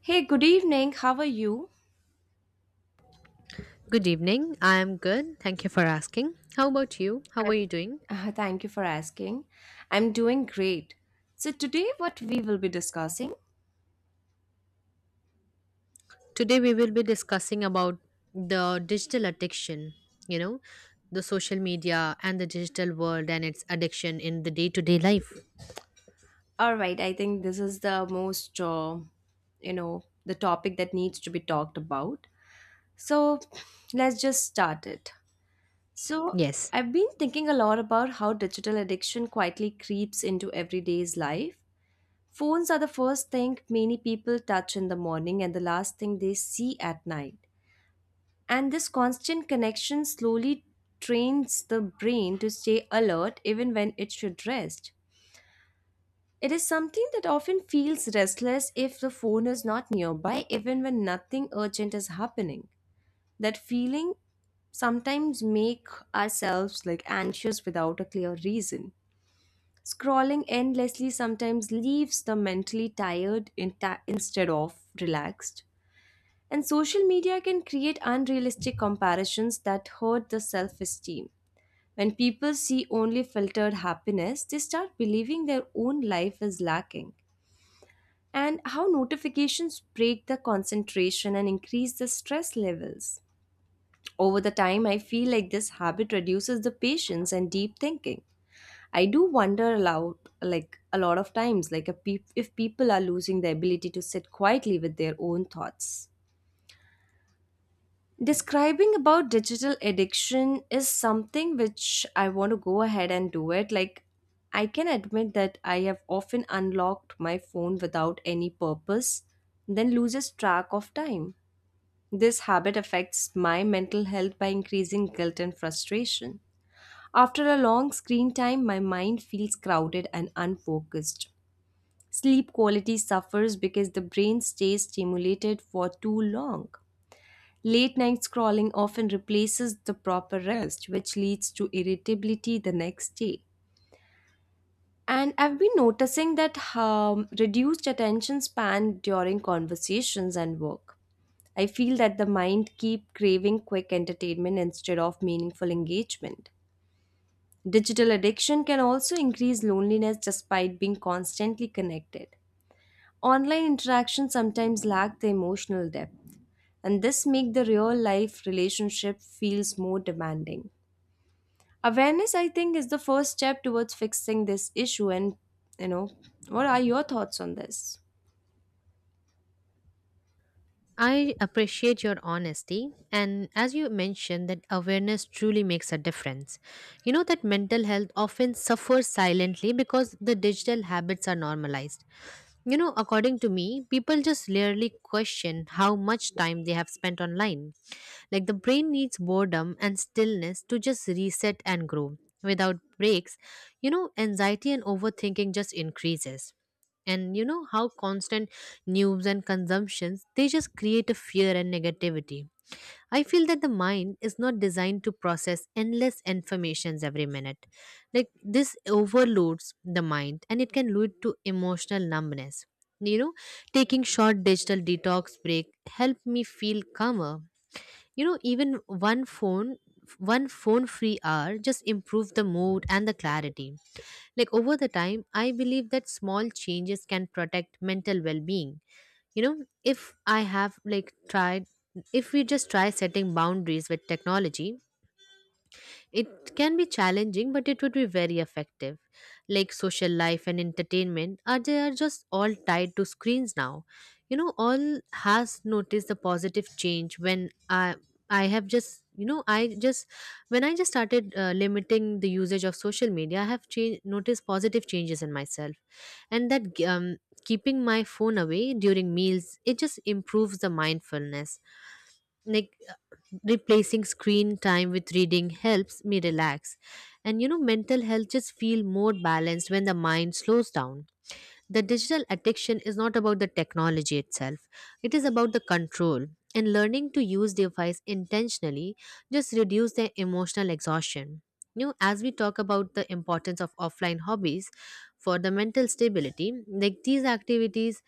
Hey, good evening. How are you? Good evening. I am good. Thank you for asking. How about you? How are And you doing? Thank you for asking. I'm doing great. So, today, what we will be discussing? Today we will be discussing about the digital addiction, you know, the social media and the digital world and its addiction in the day-to-day life. All right, I think this is the most, you know, the topic that needs to be talked about. So, let's just start it. So, Yes. I've been thinking a lot about how digital addiction quietly creeps into everyday's life. Phones are the first thing many people touch in the morning and the last thing they see at night. And this constant connection slowly trains the brain to stay alert even when it should rest. It is something that often feels restless if the phone is not nearby, even when nothing urgent is happening. That feeling sometimes make ourselves like anxious without a clear reason. Scrolling endlessly sometimes leaves the mentally tired instead of relaxed. And social media can create unrealistic comparisons that hurt the self esteem. When people see only filtered happiness, they start believing their own life is lacking. And how notifications break the concentration and increase the stress levels. Over the time, I feel like this habit reduces the patience and deep thinking. I do wonder aloud, like a lot of times, like a peop if people are losing the ability to sit quietly with their own thoughts. Describing about digital addiction is something which I want to go ahead and do it. Like, I can admit that I have often unlocked my phone without any purpose, then loses track of time. This habit affects my mental health by increasing guilt and frustration. After a long screen time, my mind feels crowded and unfocused. Sleep quality suffers because the brain stays stimulated for too long. Late night scrolling often replaces the proper rest, which leads to irritability the next day. And I've been noticing that reduced attention span during conversations and work. I feel that the mind keep craving quick entertainment instead of meaningful engagement. Digital addiction can also increase loneliness despite being constantly connected. Online interactions sometimes lack the emotional depth, and this make the real life relationship feels more demanding. Awareness, I think, is the first step towards fixing this issue. And, you know, what are your thoughts on this? I appreciate your honesty, and as you mentioned, that awareness truly makes a difference. You know that mental health often suffers silently because the digital habits are normalized. According to me, people just rarely question how much time they have spent online. Like the brain needs boredom and stillness to just reset and grow. Without breaks, anxiety and overthinking just increases. And you know how constant news and consumptions they just create a fear and negativity. I feel that the mind is not designed to process endless informations every minute. Like this overloads the mind and it can lead to emotional numbness. You know, Taking short digital detox break help me feel calmer. Even one phone one phone free hour just improved the mood and the clarity. Like, over the time, I believe that small changes can protect mental well-being. you know if I have like tried If we just try setting boundaries with technology, it can be challenging, but it would be very effective. Like, social life and entertainment are they are just all tied to screens now. All has noticed the positive change when I have just you know I just when I just started, limiting the usage of social media, I have changed noticed positive changes in myself, and that, keeping my phone away during meals, it just improves the mindfulness. Like, replacing screen time with reading helps me relax. And mental health just feel more balanced when the mind slows down. The digital addiction is not about the technology itself; it is about the control. And learning to use device intentionally just reduce their emotional exhaustion. As we talk about the importance of offline hobbies for the mental stability, like these activities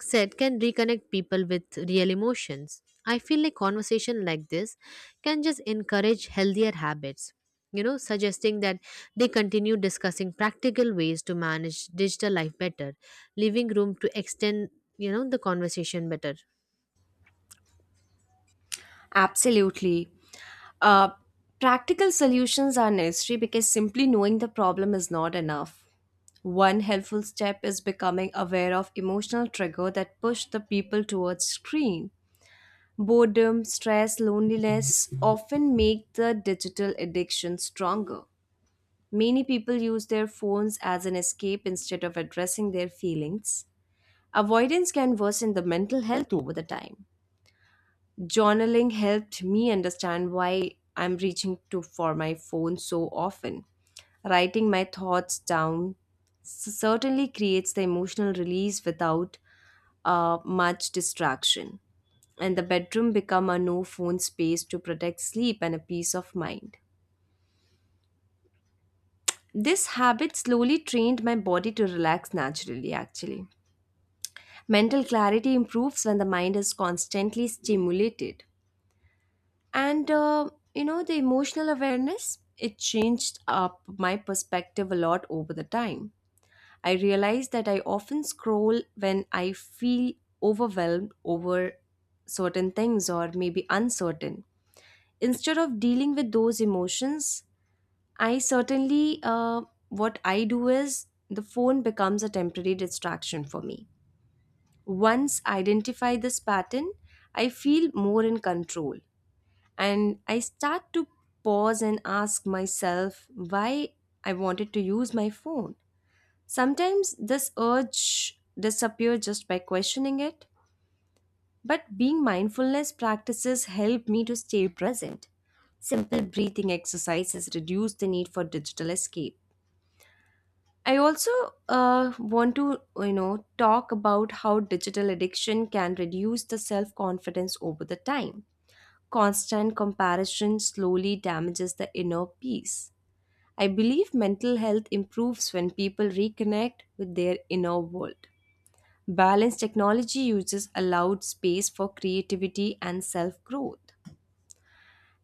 said can reconnect people with real emotions. I feel like conversation like this can just encourage healthier habits. Suggesting that they continue discussing practical ways to manage digital life better, living room to extend the conversation better. Absolutely. Uh, Practical solutions are necessary because simply knowing the problem is not enough. One helpful step is becoming aware of emotional trigger that push the people towards screen. Boredom, stress, loneliness often make the digital addiction stronger. Many people use their phones as an escape instead of addressing their feelings. Avoidance can worsen the mental health over the time. Journaling helped me understand why I'm reaching to for my phone so often. Writing my thoughts down certainly creates the emotional release without much distraction. And the bedroom become a no phone space to protect sleep and a peace of mind. This habit slowly trained my body to relax naturally, actually. Mental clarity improves when the mind is constantly stimulated. And the emotional awareness, it changed up my perspective a lot over the time. I realized that I often scroll when I feel overwhelmed over certain things, or maybe uncertain, instead of dealing with those emotions. I certainly, what I do is the phone becomes a temporary distraction for me. Once I identify this pattern, I feel more in control, and I start to pause and ask myself why I wanted to use my phone. Sometimes this urge disappears just by questioning it, but being mindfulness practices help me to stay present. Simple breathing exercises reduce the need for digital escape. I also want to talk about how digital addiction can reduce the self confidence over the time. Constant comparison slowly damages the inner peace. I believe mental health improves when people reconnect with their inner world. Balanced technology uses allowed space for creativity and self growth.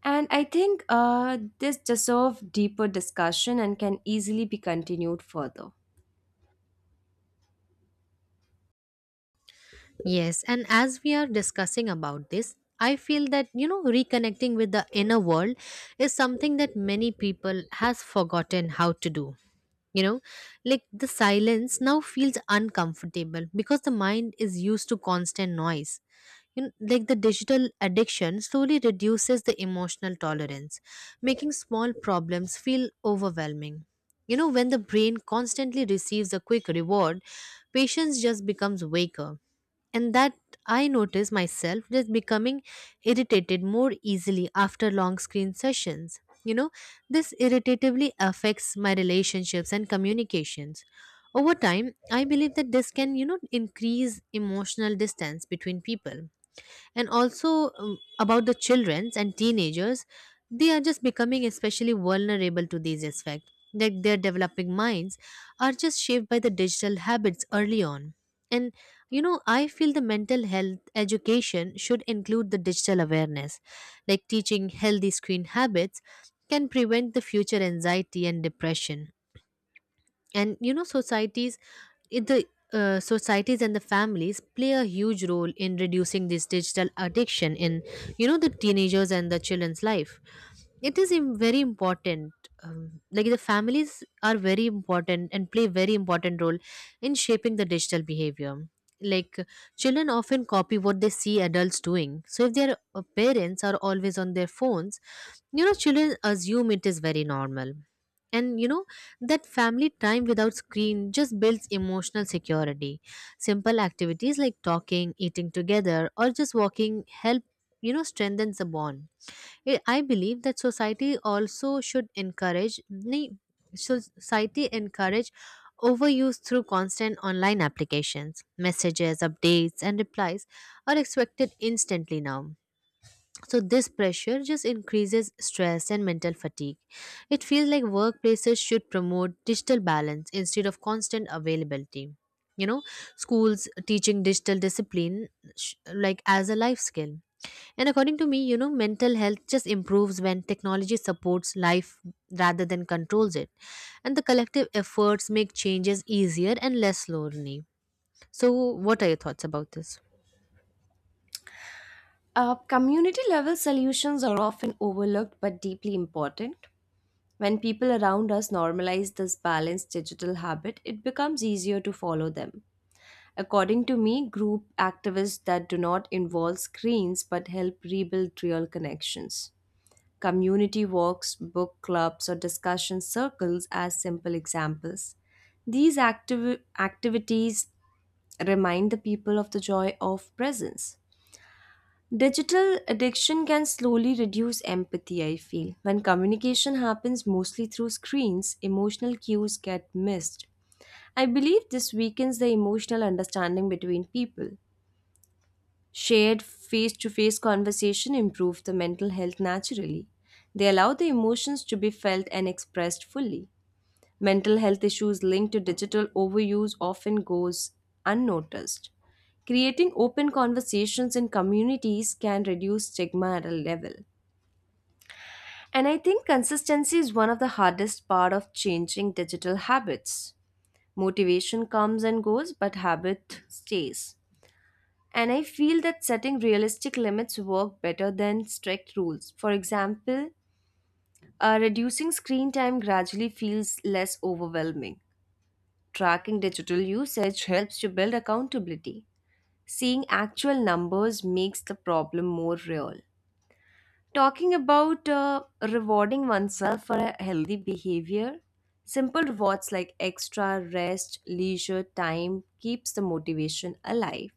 And I think this deserves deeper discussion and can easily be continued further. Yes, and as we are discussing about this, I feel that reconnecting with the inner world is something that many people has forgotten how to do. you know like, the silence now feels uncomfortable because the mind is used to constant noise. Like, the digital addiction slowly reduces the emotional tolerance, making small problems feel overwhelming. When the brain constantly receives a quick reward, patience just becomes weaker. And that, I notice myself just becoming irritated more easily after long screen sessions. This irritatively affects my relationships and communications. Over time, I believe that this can increase emotional distance between people. And also, about the childrens and teenagers, they are just becoming especially vulnerable to these effects. Like, their developing minds are just shaped by the digital habits early on. And I feel the mental health education should include the digital awareness. Like, teaching healthy screen habits can prevent the future anxiety and depression. And it- the societies and the families play a huge role in reducing this digital addiction in the teenagers and the children's life. It is very important. Like, the families are very important and play very important role in shaping the digital behavior. Like, children often copy what they see adults doing, so if their parents are always on their phones, children assume it is very normal. And you know that family time without screen just builds emotional security. Simple activities like talking, eating together, or just walking help strengthens the bond. I believe that society also ne- should society encourage overuse through constant online applications, messages, updates and replies are expected instantly now. So this pressure just increases stress and mental fatigue. It feels like workplaces should promote digital balance instead of constant availability. You know, Schools teaching digital discipline, like as a life skill. And according to me, mental health just improves when technology supports life rather than controls it. And the collective efforts make changes easier and less lonely. So what are your thoughts about this? Community level solutions are often overlooked but deeply important. When people around us normalize this balanced digital habit, it becomes easier to follow them. According to me, group activists that do not involve screens but help rebuild real connections. Community walks, book clubs, or discussion circles as simple examples. These activities remind the people of the joy of presence. Digital addiction can slowly reduce empathy, I feel. When communication happens mostly through screens, emotional cues get missed. I believe this weakens the emotional understanding between people. Shared face to face conversation improve the mental health naturally. They allow the emotions to be felt and expressed fully. Mental health issues linked to digital overuse often goes unnoticed. Creating open conversations in communities can reduce stigma at a level. And I think consistency is one of the hardest part of changing digital habits. Motivation comes and goes, but habit stays. And I feel that setting realistic limits work better than strict rules. For example, reducing screen time gradually feels less overwhelming. Tracking digital usage helps to build accountability. Seeing actual numbers makes the problem more real. Talking about rewarding oneself for a healthy behavior, simple rewards like extra rest, leisure time keeps the motivation alive.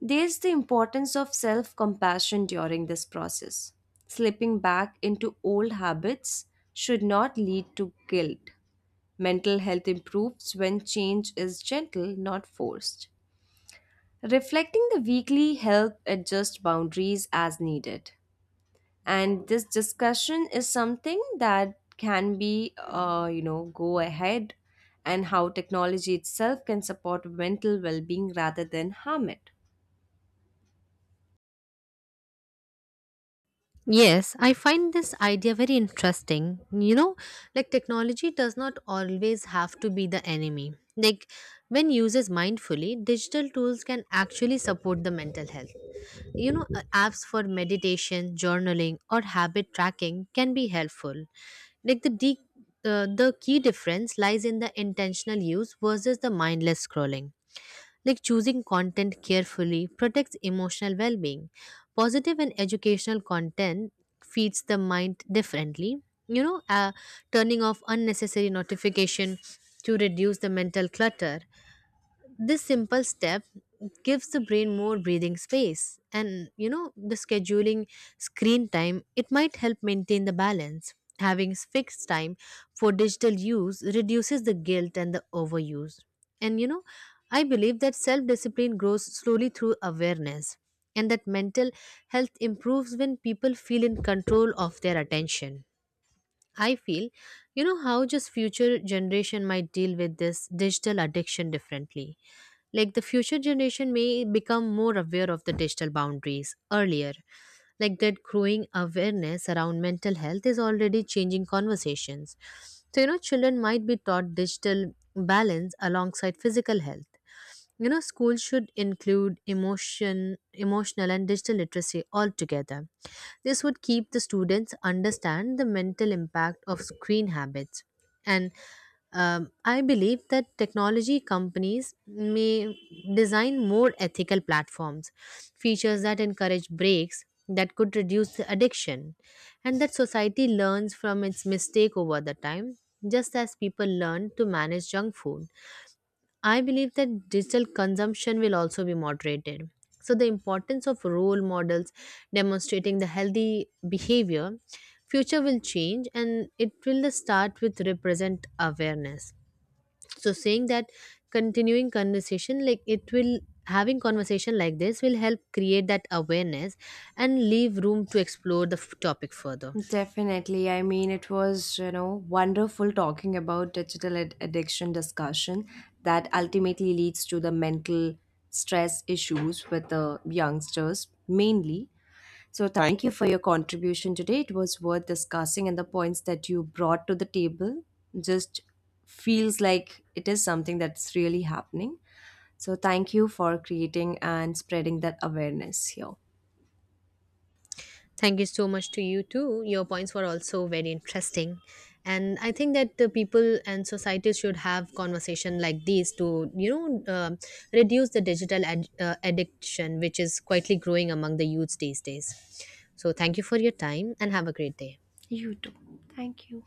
There's the importance of self-compassion during this process. Slipping back into old habits should not lead to guilt. Mental health improves when change is gentle, not forced. Reflecting the weekly help adjust boundaries as needed. And this discussion is something that can be, go ahead and how technology itself can support mental well being rather than harm it. Yes, I find this idea very interesting. Like, technology does not always have to be the enemy. Like, when used mindfully, digital tools can actually support the mental health. Apps for meditation, journaling, or habit tracking can be helpful. Like, the key difference lies in the intentional use versus the mindless scrolling. Like, choosing content carefully protects emotional well being. Positive and educational content feeds the mind differently. You know, uh, Turning off unnecessary notification to reduce the mental clutter, this simple step gives the brain more breathing space. And the scheduling screen time, it might help maintain the balance. Having fixed time for digital use reduces the guilt and the overuse. And I believe that self discipline grows slowly through awareness and that mental health improves when people feel in control of their attention. I feel, how just future generation might deal with this digital addiction differently. Like, the future generation may become more aware of the digital boundaries earlier. Like that growing awareness around mental health is already changing conversations. So, children might be taught digital balance alongside physical health. Schools should include emotional and digital literacy altogether. This would keep the students understand the mental impact of screen habits. And I believe that technology companies may design more ethical platforms, features that encourage breaks that could reduce the addiction, and that society learns from its mistake over the time, just as people learn to manage junk food. I believe that digital consumption will also be moderated. So, the importance of role models demonstrating the healthy behavior, future will change and it will start with represent awareness. So, saying that, continuing conversation like it will having conversation like this will help create that awareness and leave room to explore the topic further. Definitely. I mean, it was, you know, wonderful talking about digital addiction discussion that ultimately leads to the mental stress issues with the youngsters mainly. So, thank you for your contribution today. It was worth discussing, and the points that you brought to the table just feels like it is something that's really happening. So, thank you for creating and spreading that awareness here. Thank you so much to you too. Your points were also very interesting. And I think that the people and societies should have conversation like these to reduce the digital addiction, which is quietly growing among the youths these days. So thank you for your time and have a great day. You too. Thank you.